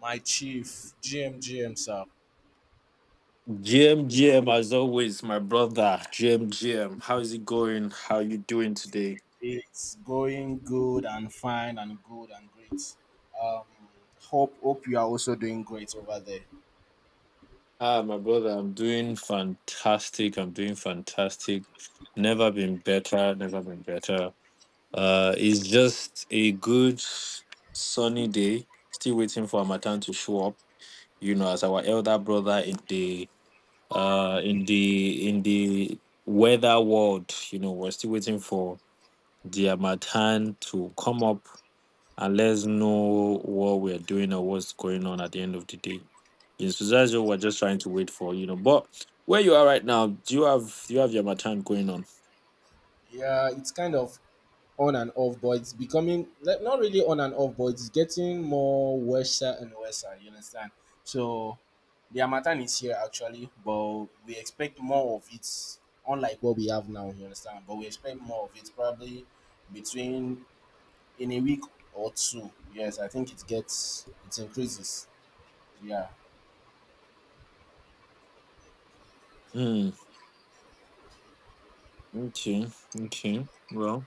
My chief, GM, GM, sir, GM GM as always, my brother. GM GM, how is it going? How you doing today? it's going good and fine and good and great. Um, hope you are also doing great over there. Ah, my brother, I'm doing fantastic. I'm doing fantastic. Never been better. Never been better. It's just a good sunny day. Still waiting for Amatan to show up. You know, as our elder brother in the in the weather world. You know, we're still waiting for the Amatan to come up and let's know what we're doing or what's going on at the end of the day. In so that's what we're just trying to wait for, you know. But where you are right now, do you have your matan going on? Yeah, it's kind of on and off, but it's becoming like, not really on and off, but it's getting more worse and worse. You understand? So the Amatan is here actually, but we expect more of it, unlike what we have now. You understand? But we expect more of it, probably between in a week or two. Yes, I think it gets it increases. Yeah. Hmm. Okay. Okay. Well,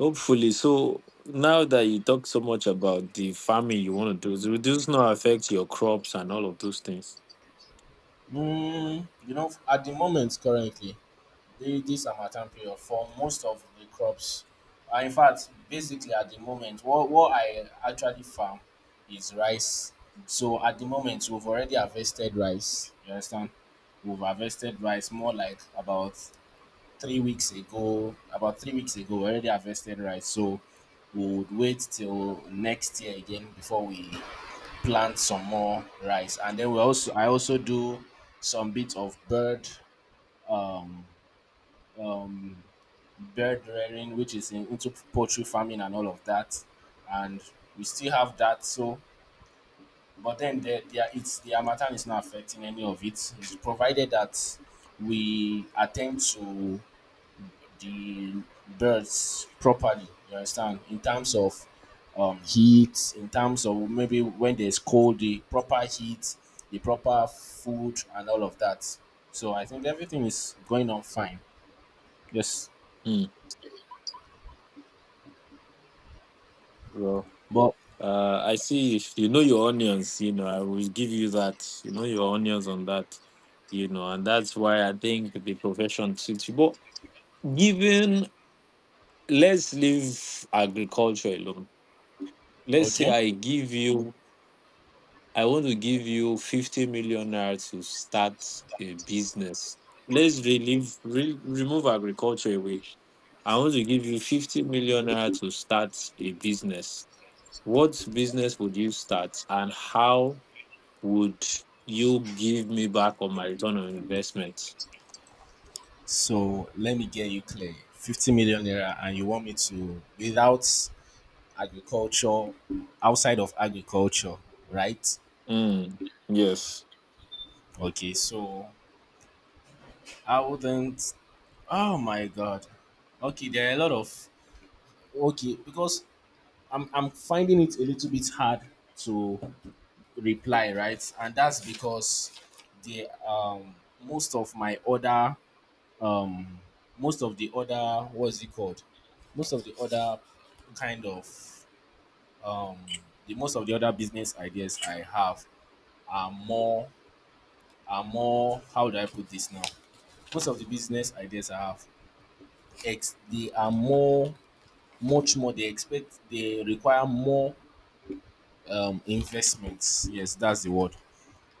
hopefully. So now that you talk so much about the farming you want to do, will this not affect your crops and all of those things? Mm, you know, at the moment currently, this Amatan period for most of the crops. In fact, basically at the moment, what I actually farm is rice. So at the moment, we've already harvested rice. You understand? We've harvested rice more like about three weeks ago, about three weeks ago, we already harvested rice. So we would wait till next year again before we plant some more rice. And then we also I also do some bit of bird um um bird rearing, which is in, into poultry farming and all of that. And we still have that. So but then the Amatan is not affecting any of it. It's provided that we attend to the birds properly. You understand? In terms of heat, in terms of maybe when there's cold, the proper heat, the proper food, and all of that. So I think everything is going on fine. Yes. Hmm. Well. But I see. If you know your onions, you know, I will give you that. You know your onions on that, you know, and that's why I think the profession suits you. But given, let's leave agriculture alone. Let's say okay. I give you, I want to give you 50 million naira to start a business. Let's relieve, remove agriculture away. I want to give you 50 million naira to start a business. What business would you start and how would you give me back on my return on investment? So let me get you clear. 50 million naira, and you want me to, without agriculture, outside of agriculture, right? Mm, yes. Okay. So I wouldn't. Oh my god. Okay, there are a lot of okay because I'm finding it a little bit hard to reply, right? And that's because the most of my other um most of the other what's it called? Most of the other kind of um the most of the other business ideas I have are more are more, how do I put this now? Most of the business ideas I have ex they are more much more they expect they require more investments, yes, that's the word.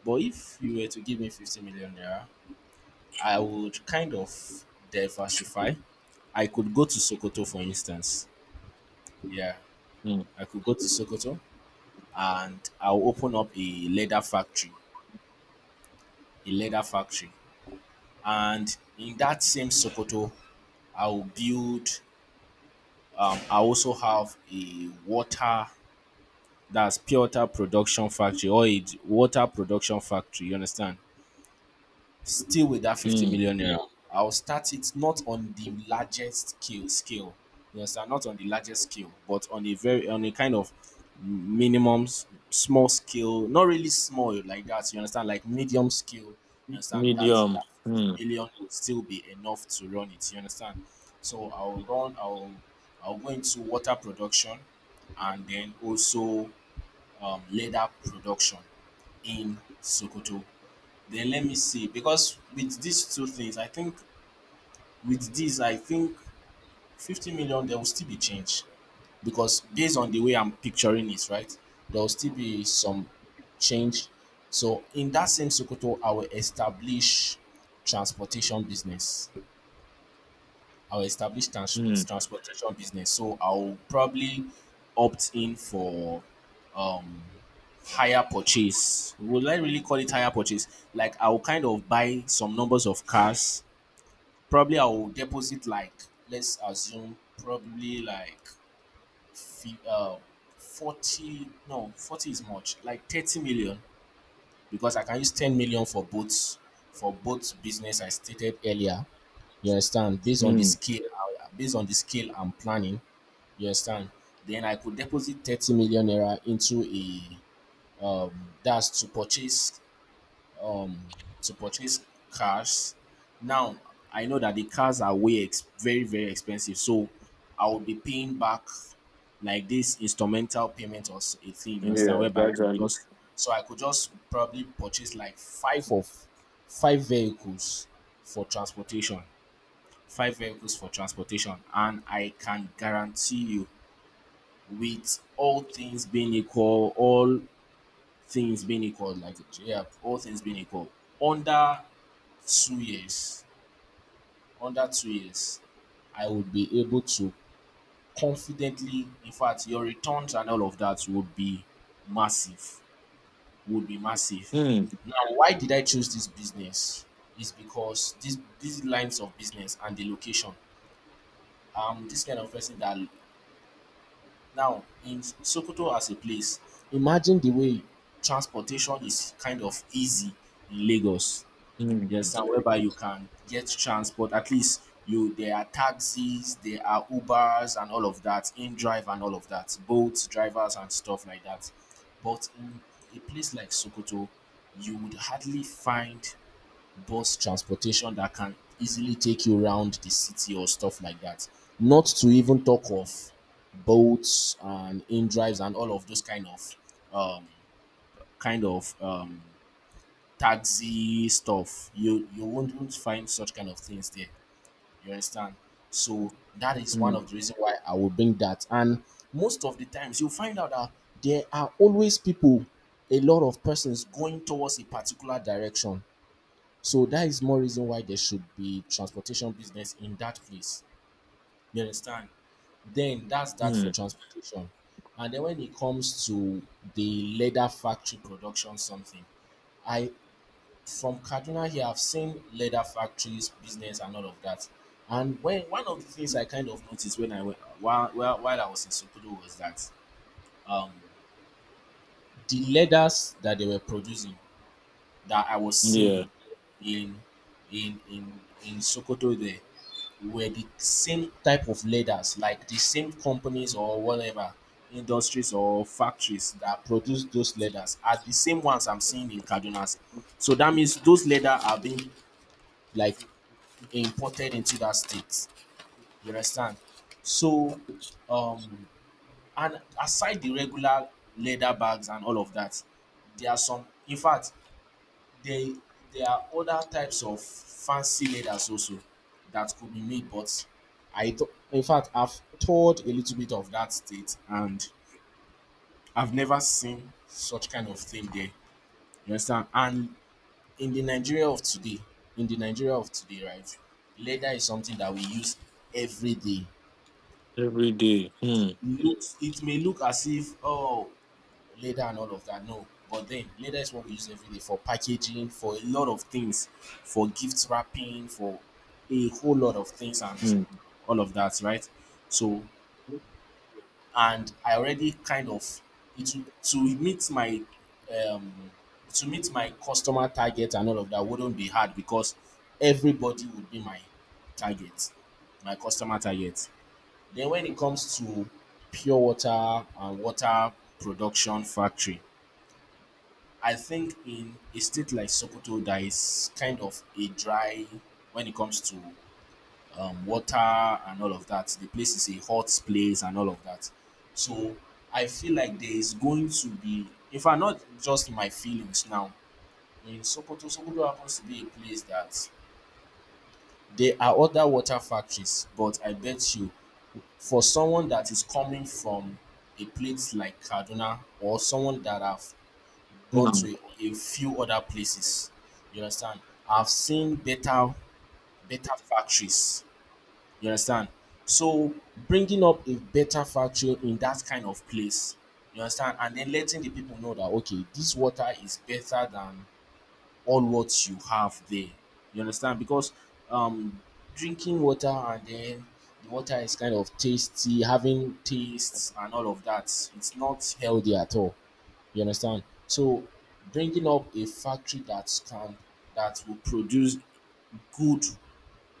But if you were to give me 50 million naira, I would kind of diversify. I could go to Sokoto, for instance. Yeah, Mm, I could go to Sokoto and I'll open up a leather factory, a leather factory. And in that same Sokoto, I'll build I also have a water, that's Piotr Production Factory or a water production factory, you understand? Still with that 50 mm, million naira, yeah. I'll start it not on the largest scale. You understand? Not on the largest scale, but on a very on a kind of minimum s- small scale, not really small like that, you understand? Like medium scale, you understand that medium. that Mm, 50 million will still be enough to run it, you understand? So I'll run I'll go into water production and then also leather production in Sokoto. Then let me see, because with these two things, I think with this, I think 50 million, there will still be change. Because based on the way I'm picturing it, right, there will still be some change. So in that same Sokoto, I will establish transportation business. I'll establish trans- mm, transportation business. So I'll probably opt in for um higher purchase. Will I really call it higher purchase? Like I'll kind of buy some numbers of cars. Probably I'll deposit like, let's assume probably like fi- uh, 40, no 40 is much, like 30 million, because I can use 10 million for both, for both business I stated earlier, you understand? Based on the mm. scale, I- based on the scale I'm planning, you understand? Then I could deposit 30 million naira into a that's um to purchase cars. Now I know that the cars are way ex- very very expensive, so I will be paying back like this instrumental payment or s- a thing. You understand? Yeah, Whereby gradually. just so I could just probably purchase like five vehicles for transportation, five vehicles for transportation. And I can guarantee you, with all things being equal, all things being equal, like yeah, all things being equal, under two years, under two years, I would be able to confidently, in fact your returns and all of that would be massive, would be massive. Mm, Now why did I choose this business is because this these lines of business and the location, this kind of person that. Now, in Sokoto as a place, imagine the way transportation is kind of easy in Lagos. mm, Yes, and whereby you can get transport. At least you there are taxis, there are Ubers and all of that, in drive and all of that, boats, drivers and stuff like that. But in a place like Sokoto, you would hardly find bus transportation that can easily take you around the city or stuff like that. Not to even talk of boats and in drives and all of those um, kind of taxi stuff. You won't find such kind of things there. You understand? So that is one mm, of the reason why I will bring that. And most of the times you'll find out that there are always people, a lot of persons going towards a particular direction, so that is more reason why there should be transportation business in that place. You understand? Then that's that for mm. transportation. And then when it comes to the leather factory production, something I from Kaduna here, I've seen leather factories, business, and all of that. And when one of the things I kind of noticed when I went while I was in Sokoto was that um, the leathers that they were producing, that I was seeing Yeah, in in in in Sokoto there, were the same type of leaders, like the same companies or whatever, industries or factories that produce those leathers, are the same ones I'm seeing in Kaduna. State. So that means those leather are being like imported into that state. You understand? So, um, and aside the regular leather bags and all of that, there are some, in fact, there there are other types of fancy leathers also that could be made, but I th- in fact I've toured a little bit of that state and I've never seen such kind of thing there. You understand? And in the Nigeria of today, in the Nigeria of today, right, leather is something that we use every day. every day. Mm, Looks it may look as if oh leather and all of that. No. But then leather is what we use every day for packaging, for a lot of things, for gift wrapping, for a whole lot of things and mm, all of that, right? So and I already kind of it um to meet my customer target and all of that wouldn't be hard because everybody would be my target, my customer target. Then when it comes to pure water and water production factory, I think in a state like Sokoto, that is kind of a dry when it comes to water and all of that. The place is a hot place and all of that. So I feel like there is going to be, if I'm not just my feelings now, in Sokoto, Sokoto happens to be a place that there are other water factories, but I bet you for someone that is coming from a place like Kaduna or someone that have gone mm. to a few other places. You understand? I've seen better better factories. You understand? So bringing up a better factory in that kind of place. You understand? And then letting the people know that okay, this water is better than all what you have there. You understand? Because um drinking water and then the water is kind of tasty, having tastes and all of that. It's not healthy at all. You understand? So bringing up a factory that can that will produce good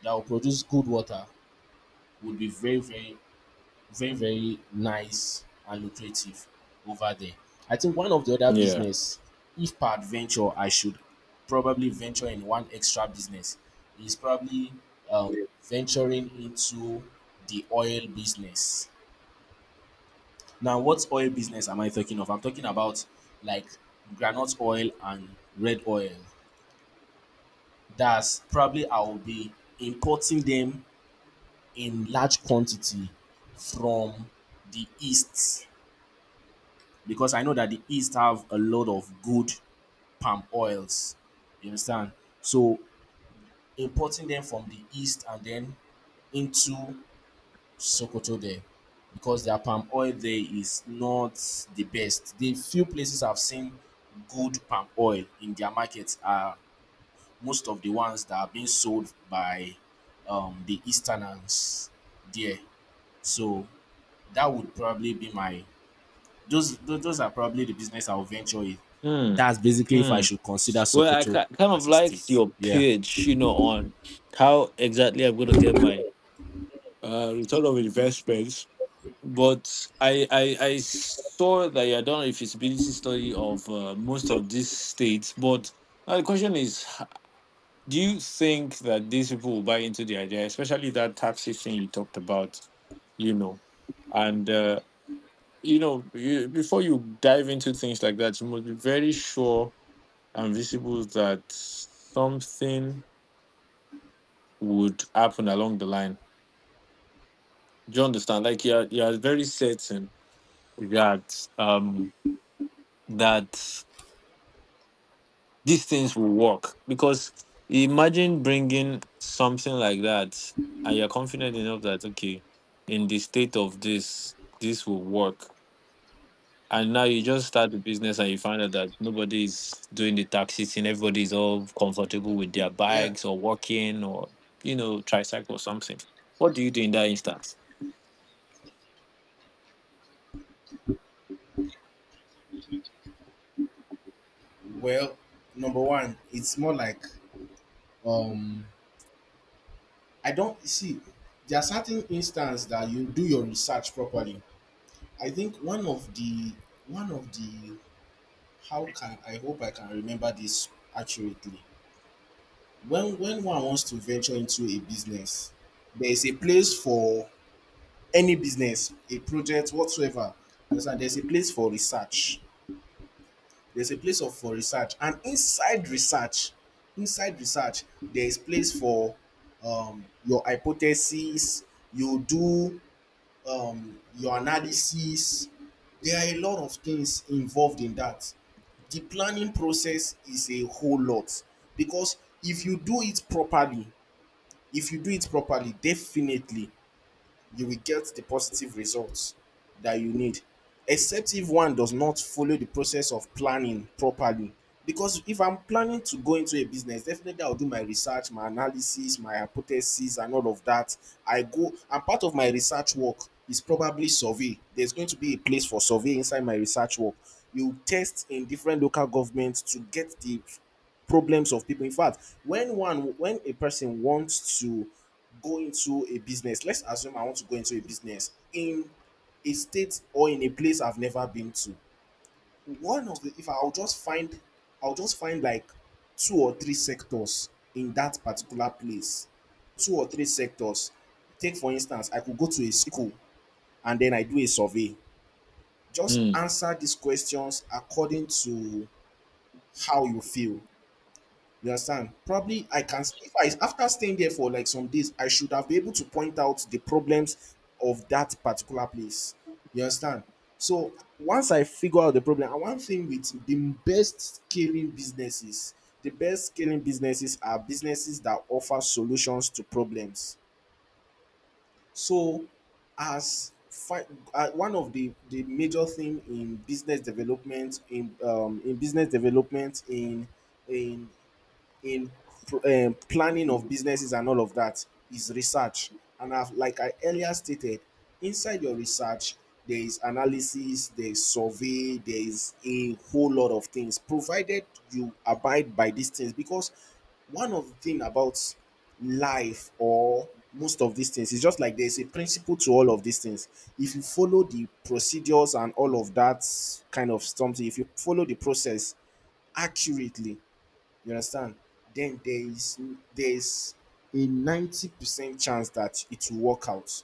that will produce good water would be very very very very nice and lucrative over there. I think one of the other Yeah. business, if per adventure I should probably venture in one extra business, is probably venturing into the oil business. Now, what oil business am I talking of? I'm talking about like granite oil and red oil. That's probably I will be importing them in large quantity from the east because I know that the east have a lot of good palm oils. You understand? So importing them from the east and then into Sokoto there because their palm oil there is not the best. The few places I've seen good palm oil in their markets are most of the ones that are being sold by the Easterners there. So that would probably be my those are probably the business I'll venture in. Mm, That's basically if I mm. should consider Well, I Sokoto kind of as a liked state. your Yeah. pitch, you know, on how exactly I'm going to get my return of investments, but I saw that you had done a feasibility study of most of these states. But now the question is, do you think that these people will buy into the idea, especially that taxi thing you talked about? You know, and you know, before you dive into things like that, you must be very sure and visible that something would happen along the line. Do you understand? Like you are very certain that that these things will work, because imagine bringing something like that and you're confident enough that okay, in the state of this, this will work, and now you just start the business and you find out that nobody is doing the taxi thing, everybody is all comfortable with their Yeah. bikes or walking or, you know, tricycle or something. What do you do in that instance? Well, Number one, it's more like um I don't see there are certain instances that you do your research properly. I think one of the how can I hope I can remember this accurately. When one wants to venture into a business, there is a place for any business, a project whatsoever. You understand? There's a place for research. There's a place of for research, and inside research, there is place for your hypothesis. You do your analysis. There are a lot of things involved in that. The planning process is a whole lot because if you do it properly, if you do it properly definitely you will get the positive results that you need except if one does not follow the process of planning properly because if I'm planning to go into a business definitely I'll do my research, my analysis, my hypothesis, and all of that. I go, and part of my research work is probably survey. There's going to be a place for survey inside my research work. You test in different local governments to get the problems of people. In fact, when a person wants to go into a business, let's assume I want to go into a business in a state or in a place I've never been to. One of the if I'll just find I'll just find like two or three sectors in that particular place. Two or three sectors. Take for instance, I could go to a school and then I do a survey. Just Mm, answer these questions according to how you feel. You understand? Probably I can if I after staying there for like some days, I should have been able to point out the problems of that particular place. You understand? So once I figure out the problem, and one thing with the best scaling businesses, the best scaling businesses are businesses that offer solutions to problems. So as fi- one of the major thing in business development in business development in in planning of businesses and all of that is research. And I've, like I earlier stated, inside your research there is analysis, there is survey, there is a whole lot of things, provided you abide by these things. Because one of the thing about life or most of these things is just like there's a principle to all of these things. If you follow the procedures and all of that, kind of something, if you follow the process accurately, you understand? Then there's a 90% chance that it will work out.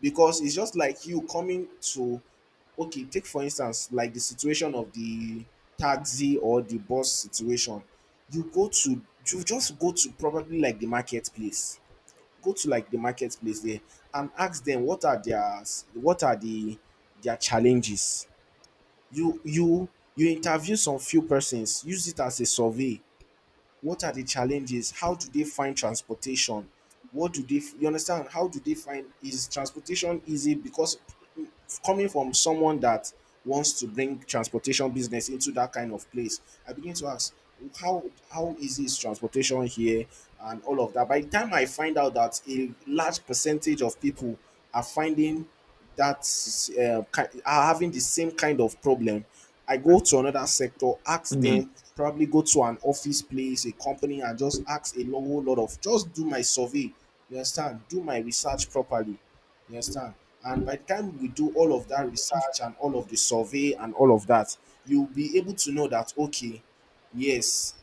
Because it's just like you coming to, okay, take for instance, like the situation of the taxi or the bus situation. You go to, you just go to probably like the marketplace. Go to like the marketplace there and ask them what are their what are the their challenges. You you you interview some few persons, use it as a survey. What are the challenges? How do they find transportation? What do they, f- you understand? How do they find, is transportation easy? Because mm, coming from someone that wants to bring transportation business into that kind of place, I begin to ask, how how easy is transportation here and all of that. By the time I find out that a large percentage of people are finding are having the same kind of problem, I go to another sector, ask mm, them, probably go to an office place, a company, and just ask a whole lot of, just do my survey, you understand, do my research properly, you understand, and by the time we do all of that research and all of the survey and all of that, you'll be able to know that okay, yes,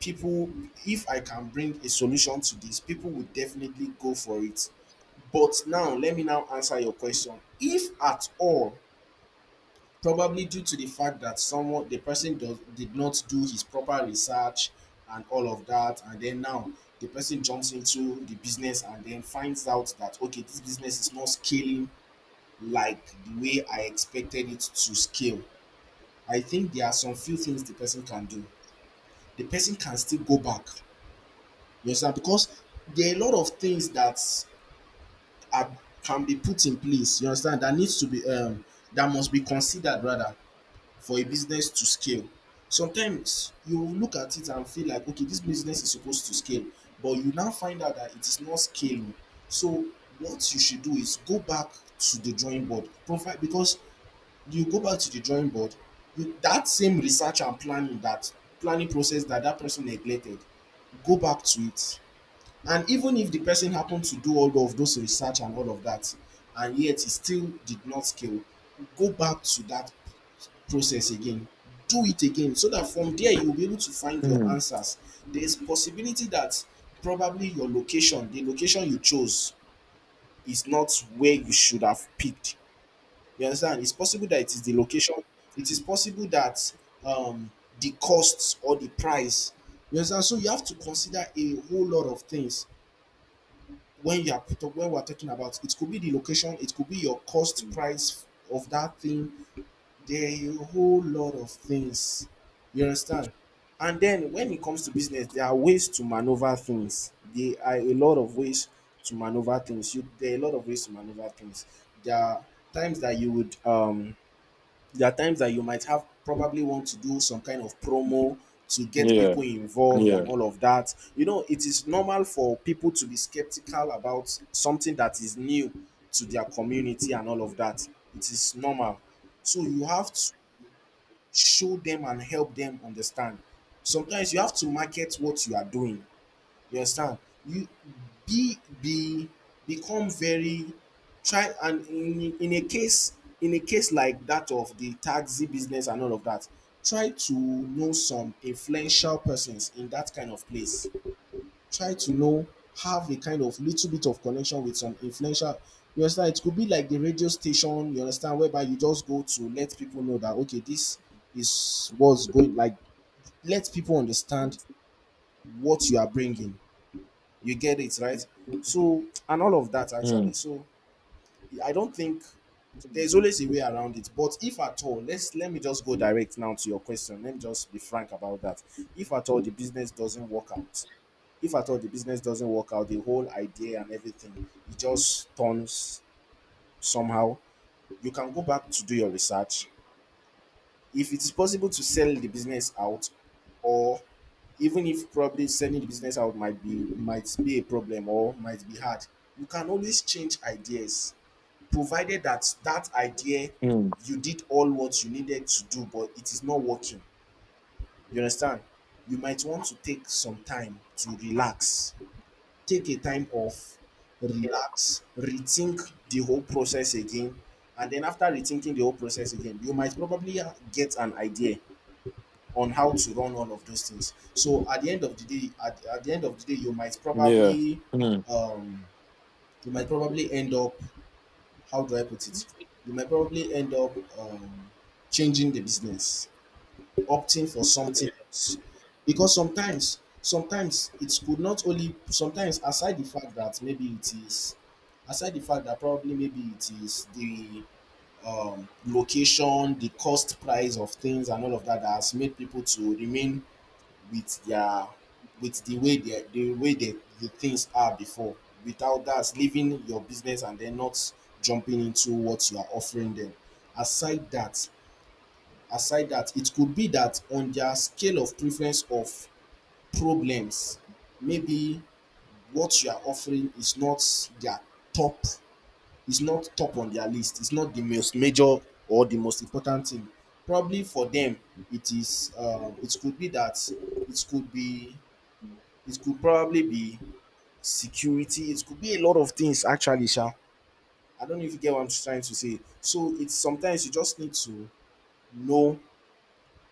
people, if I can bring a solution to this, people will definitely go for it. But now let me now answer your question. If at all, probably due to the fact that someone the person does did not do his proper research and all of that, and then now the person jumps into the business and then finds out that okay, this business is not scaling like the way I expected it to scale, I think there are some few things the person can do. The person can still go back. You understand? Because there are a lot of things that are, can be put in place, you understand, that needs to be that must be considered rather for a business to scale. Sometimes you look at it and feel like, okay, this business is supposed to scale, but you now find out that it is not scaling. So what you should do is go back to the drawing board, provide because you go back to the drawing board, you, that same research and planning that planning process that person neglected, go back to it. And even if the person happened to do all of those research and all of that, and yet it still did not scale, go back to that process again. Do it again so that from there you'll be able to find your mm, answers. There's possibility that probably your location, the location you chose, is not where you should have picked. You understand? It's possible that it is the location. It is possible that um, the costs or the price. You understand? So you have to consider a whole lot of things when you are when we're talking about. It could be the location, it could be your cost price of that thing. There are a whole lot of things, you understand. And then when it comes to business, there are ways to maneuver things, there are a lot of ways to maneuver things, you there are a lot of ways to maneuver things. There are times that you would there are times that you might have probably want to do some kind of promo to get yeah, people involved yeah, and all of that. You know, it is normal for people to be skeptical about something that is new to their community and all of that. It is normal. So you have to show them and help them understand. Sometimes you have to market what you are doing. You understand? You be Become very, try and in a case like that of the taxi business and all of that, try to know some influential persons in that kind of place. Try to know, have a kind of little bit of connection with some influential, you understand, it could be like the radio station, you understand, whereby you just go to let people know that okay, this is what's going, like, let people understand what you are bringing. You get it, right? So, and all of that actually. mm, So, I don't think there's always a way around it. But if at all, let me just go direct now to your question. Let me just be frank about that. If at all the business doesn't work out, if at all the business doesn't work out, the whole idea and everything, it just turns somehow. You can go back to do your research, if it is possible, to sell the business out, or even if probably selling the business out might be a problem or might be hard, you can always change ideas, provided that that idea, mm, you did all what you needed to do but it is not working, you understand, you might want to take some time to relax, take a time off, relax, rethink the whole process again, and then after rethinking the whole process again you might probably get an idea on how to run all of those things. So at the end of the day, at the end of the day, yeah, mm, um you might probably end up, how do I put it? You might probably end up changing the business, opting for something else. Because sometimes it could not only sometimes aside the fact that maybe it is aside the fact that probably maybe it is the location, the cost price of things, and all of that that has made people to remain with their with the way they the way they, the things are before, without that leaving your business and then not jumping into what you are offering them. Aside that, aside that, it could be that on their scale of preference of problems, maybe what you are offering is not their top, is not top on their list, it's not the most major or the most important thing probably for them. It could be that, it could be, it could probably be security. It could be a lot of things actually, Sha. I don't know if you get what I'm trying to say. So it's sometimes you just need to know,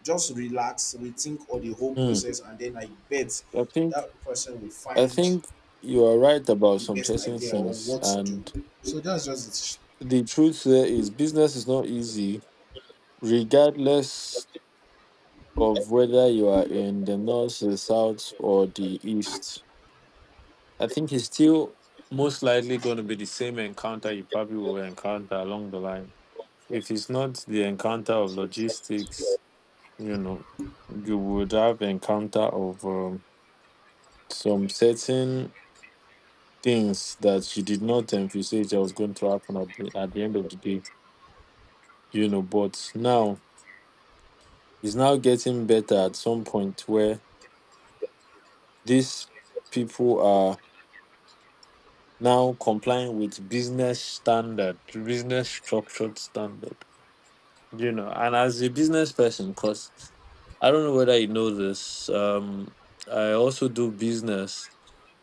just relax, rethink all the whole mm. process, and then I bet i think that person will I find think you are right about the some best certain idea or things. what to And do. So that's just it. the truth there is, business is not easy, regardless of whether you are in the north, the south, or the east. I think it's still most likely going to be the same encounter you probably will encounter along the line. If it's not the encounter of logistics, you know, you would have encounter of some certain things that she did not envisage that was going to happen at at the end of the day, you know. But now it's now getting better at some point where these people are now complying with business standard, business structured standard, you know. And as a business person, because I don't know whether you know this, I also do business,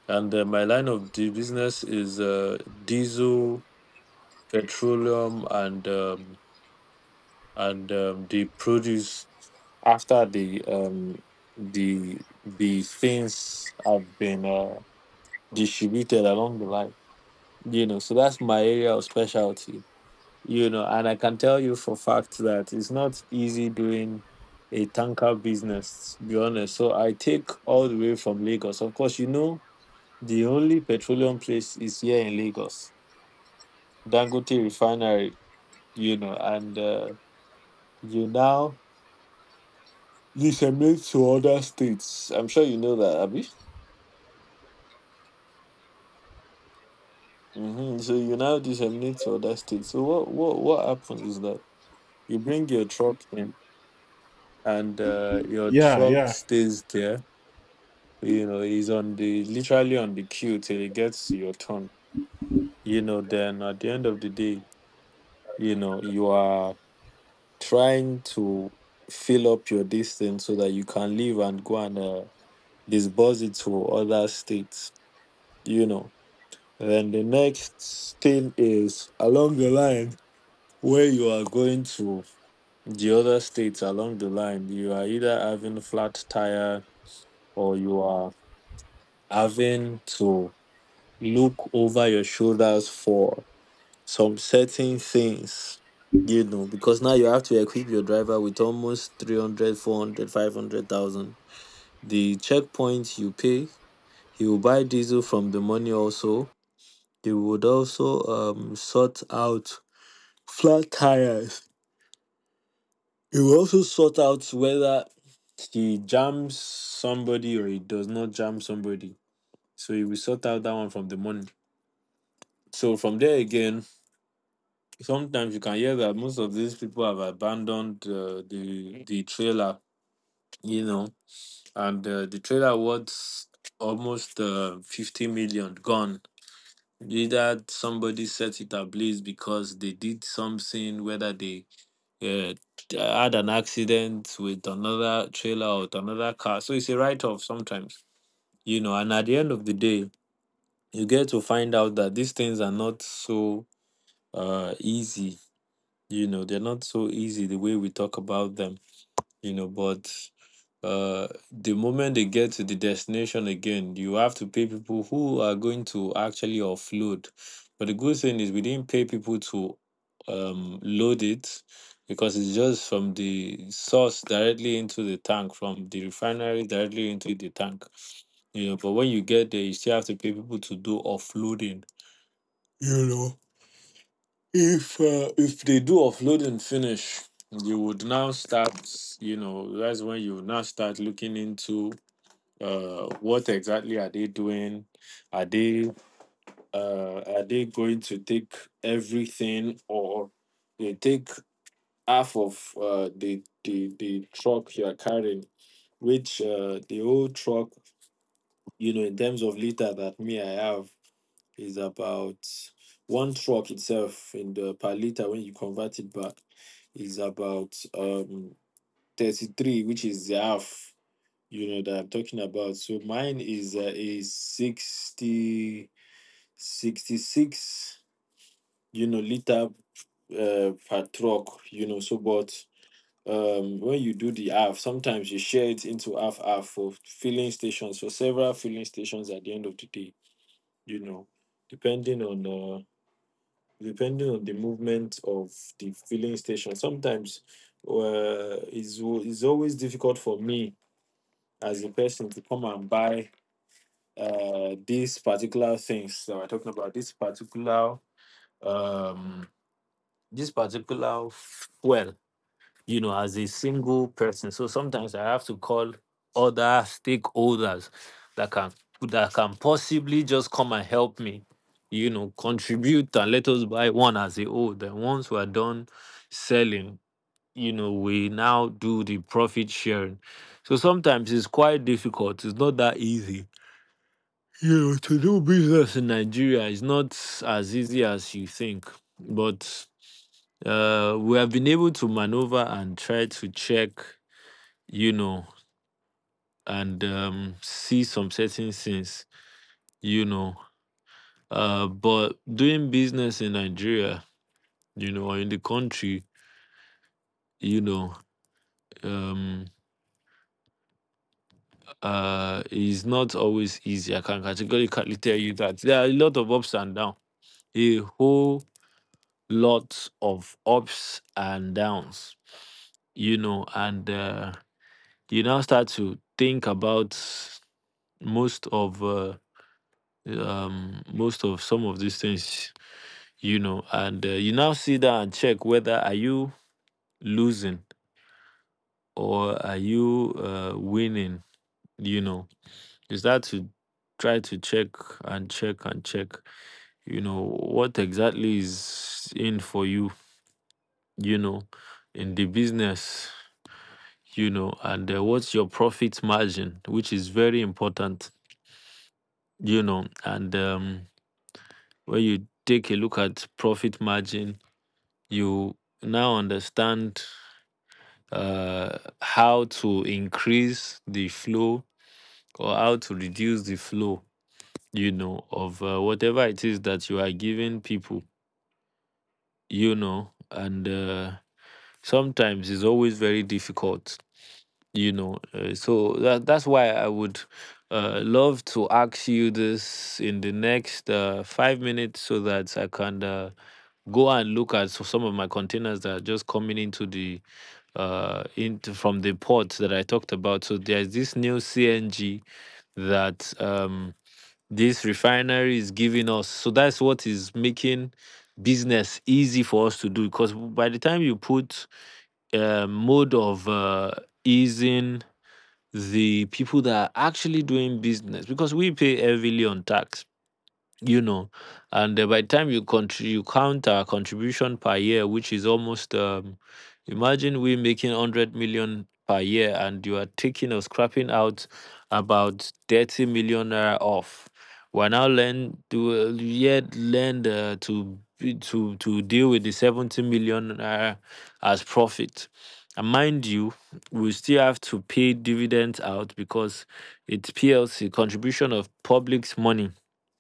and my line of the business is diesel, petroleum, and they produce after the the things have been distributed along the line. You know, so that's my area of specialty. You know, and I can tell you for fact that it's not easy doing a tanker business. To be honest, so I take all the way from Lagos. Of course, you know the only petroleum place is here in Lagos, Dangote Refinery. You know, and you now you disseminate to other states. I'm sure you know that, Abby. Hmm. So you now disseminate to other states. So what happens is that you bring your truck in, and your Yeah, truck yeah. stays there. You know, is on the literally on the queue till it gets to your turn. You know, then at the end of the day, you know you are trying to fill up your distance so that you can leave and go and disburse it to other states. You know, then the next thing is along the line where you are going to the other states along the line, you are either having flat tire or you are having to look over your shoulders for some certain things, you know, because now you have to equip your driver with almost 300, 400, 500,000. The checkpoint you pay, he will buy diesel from the money also. He would also sort out flat tires. He will also sort out whether he jams somebody or he does not jam somebody. So he will sort out that one from the morning. So from there again, sometimes you can hear that most of these people have abandoned the the trailer, you know, and the trailer was almost 50 million gone. Either somebody set it ablaze because they did something, whether they uh, had an accident with another trailer or with another car. So it's a write off sometimes, you know. And at the end of the day, you get to find out that these things are not so easy, you know, they're not so easy the way we talk about them, you know. But the moment they get to the destination again, you have to pay people who are going to actually offload. But the good thing is we didn't pay people to load it, because it's just from the source directly into the tank, from the refinery directly into the tank, you know. But when you get there you still have to pay people to do offloading, you know. If if they do offload and finish, you would now start, you know, that's when you now start looking into what exactly are they doing. Are they are they going to take everything, or they take half of the truck you are carrying, which the old truck, you know, in terms of liter that me I have, is about one truck itself in the per liter. When you convert it back, is about 33, which is the half, you know, that I'm talking about. So mine is a 60 66, you know, liter per truck, you know. So but when you do the half, sometimes you share it into half half for filling stations, for several filling stations at the end of the day, you know, depending on depending on the movement of the filling station. Sometimes it's always difficult for me as a person to come and buy these particular things that we're talking about, um, this particular fuel, you know, as a single person. So sometimes I have to call other stakeholders that can that can possibly just come and help me, you know, contribute and let us buy one as a whole. Then once we're done selling, you know, we now do the profit sharing. So sometimes it's quite difficult. It's not that easy. You know, to do business in Nigeria is not as easy as you think. But we have been able to maneuver and try to check, you know, and see some certain things, you know. But doing business in Nigeria, you know, or in the country, you know, um, is not always easy. I can categorically tell you that there are a lot of ups and downs, a whole lot of ups and downs. You, uh, you now start to think about most of most of some of these things. You now sit down and check whether are you losing or are you winning, you know. You start to try to check and check and check, you know, what exactly is in for you, you know, in the business, you know. And what's your profit margin, which is very important, you know. And when you take a look at profit margin, you now understand how to increase the flow or how to reduce the flow, you know, of whatever it is that you are giving people, you know. And sometimes it's always very difficult, you know. So that's why I would love to ask you this in the next 5 minutes, so that I can go and look at some of my containers that are just coming into the into from the port that I talked about. So there's this new CNG that this refinery is giving us, so that's what is making business easy for us to do, because by the time you put a mode of easing the people that are actually doing business, because we pay heavily on tax, you know. And by the time you you count our contribution per year, which is almost imagine we making 100 million per year, and you are taking or scrapping out about 30 million naira off, we're now learn to yet learn to to deal with the 70 million naira as profit. And mind you, we still have to pay dividends out, because it's PLC contribution of public's money,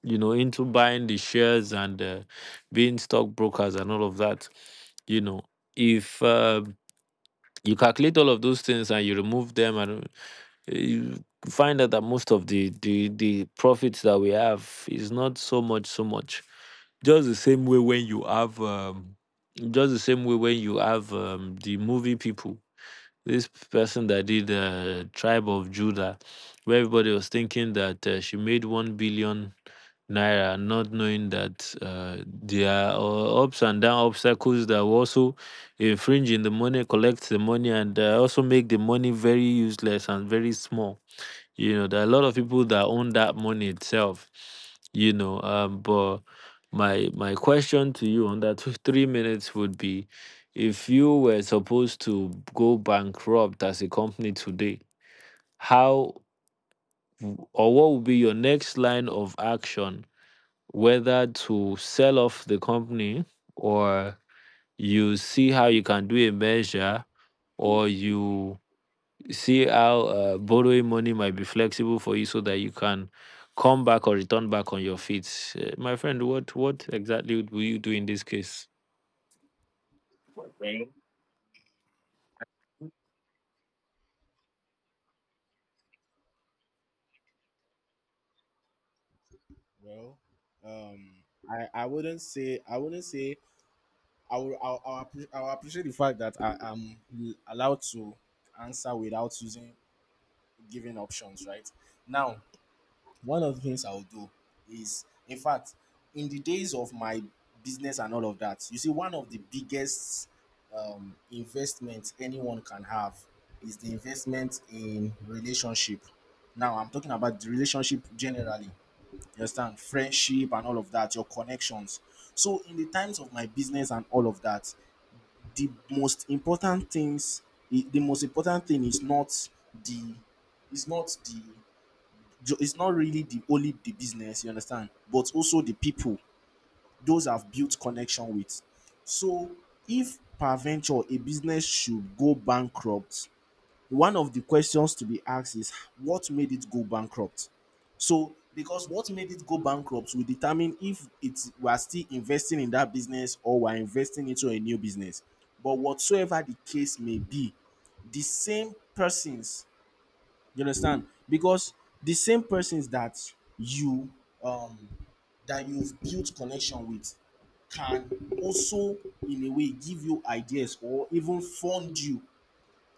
you know, into buying the shares, and being stockbrokers and all of that, you know. If you calculate all of those things and you remove them, and you find out that most of the profits that we have is not so much, so much. Just the same way when you have, just the same way when you have the movie people. This person that did Tribe of Judah, where everybody was thinking that she made 1 billion naira, not knowing that there are ups and down obstacles that will also infringe in the money, collect the money, and also make the money very useless and very small. You know, there are a lot of people that own that money itself. But my question to you on that 3 minutes would be, if you were supposed to go bankrupt as a company today, how or what would be your next line of action, whether to sell off the company, or you see how you can do a measure, or you see how borrowing money might be flexible for you so that you can come back or return back on your feet. My friend, what exactly you do in this case? Well, um, I wouldn't say I wouldn't say I will I'll, appre- I'll appreciate the fact that I am allowed to answer without using given options, right? Now, one of the things I'll do is, in fact, in the days of my business and all of that, you see, one of the biggest investments anyone can have is the investment in relationship. Now, I'm talking about the relationship generally, you understand? Friendship and all of that, your connections. So, in the times of my business and all of that, the most important things, the most important thing is the not the it's not really the only the business, you understand, but also the people those have built connection with. So if per a business should go bankrupt, one of the questions to be asked is what made it go bankrupt. So because what made it go bankrupt will determine if it's we are still investing in that business or we're investing into a new business. But whatsoever the case may be, the same persons, you understand? Because the same persons that you um that you've built connection with can also in a way give you ideas or even fund you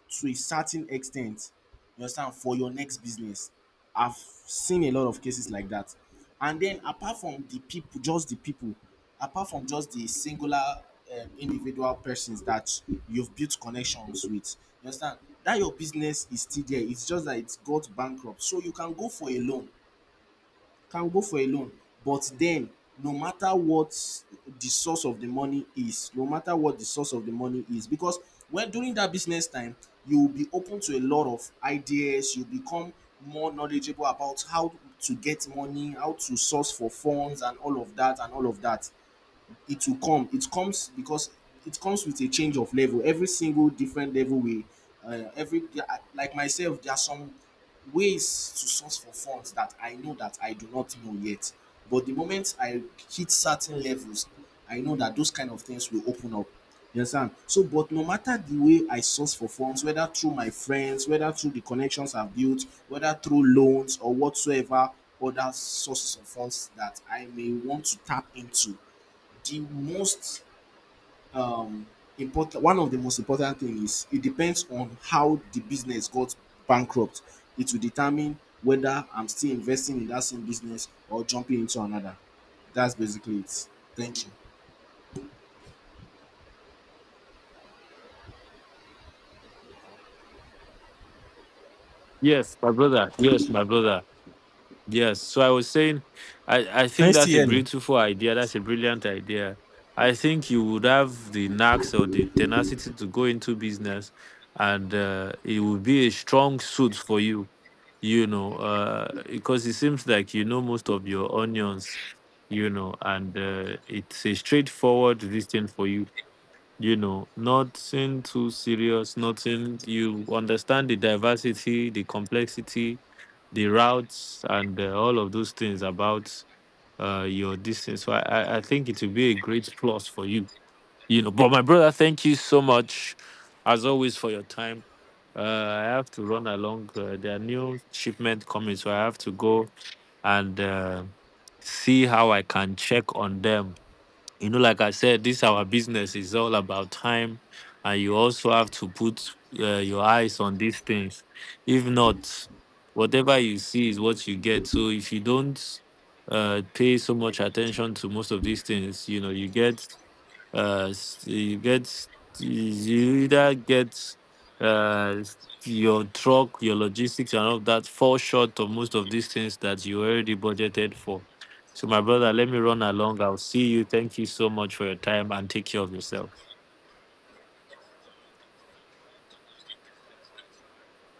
to a certain extent, you understand, for your next business. I've seen a lot of cases like that. And then apart from the people, just the people apart from just the singular individual persons that you've built connections with, you understand, that your business is still there, it's just that it has got bankrupt, so you can go for a loan, can go for a loan. But then, no matter what the source of the money is, no matter what the source of the money is, because when during that business time, you will be open to a lot of ideas, you become more knowledgeable about how to get money, how to source for funds, and all of that, it will come, it comes, because it comes with a change of level, every single different level we every Like myself, there are some ways to source for funds that I know that I do not know yet, but the moment I hit certain levels, I know that those kind of things will open up. You understand? So but no matter the way I source for funds, whether through my friends, whether through the connections I've built, whether through loans or whatsoever other sources of funds that I may want to tap into, the most um, important, one of the most important thing is it depends on how the business got bankrupt. It will determine whether I'm still investing in that same business or jumping into another. That's basically it. Thank you. Yes, my brother. Yes, my brother. Yes. So I was saying, I Can think you still that's a hear me? beautiful idea. That's a brilliant idea. I think you would have the knacks or the tenacity to go into business, and it would be a strong suit for you, you know, because it seems like you know most of your onions, you know, and it's a straightforward this thing for you, you know, nothing too serious, nothing. You understand the diversity, the complexity, the routes and all of those things about your distance. So I think it will be a great plus for you. You know, but my brother, thank you so much, as always, for your time. I have to run along. There are new shipment coming, so I have to go and see how I can check on them, you know, like I said, this our business is all about time, and you also have to put your eyes on these things. If not, whatever you see is what you get. So if you don't pay so much attention to most of these things, you know, you get you either get uh, your truck, your logistics, and all of that fall short of most of these things that you already budgeted for. So, my brother, let me run along. I'll see you. Thank you so much for your time and take care of yourself.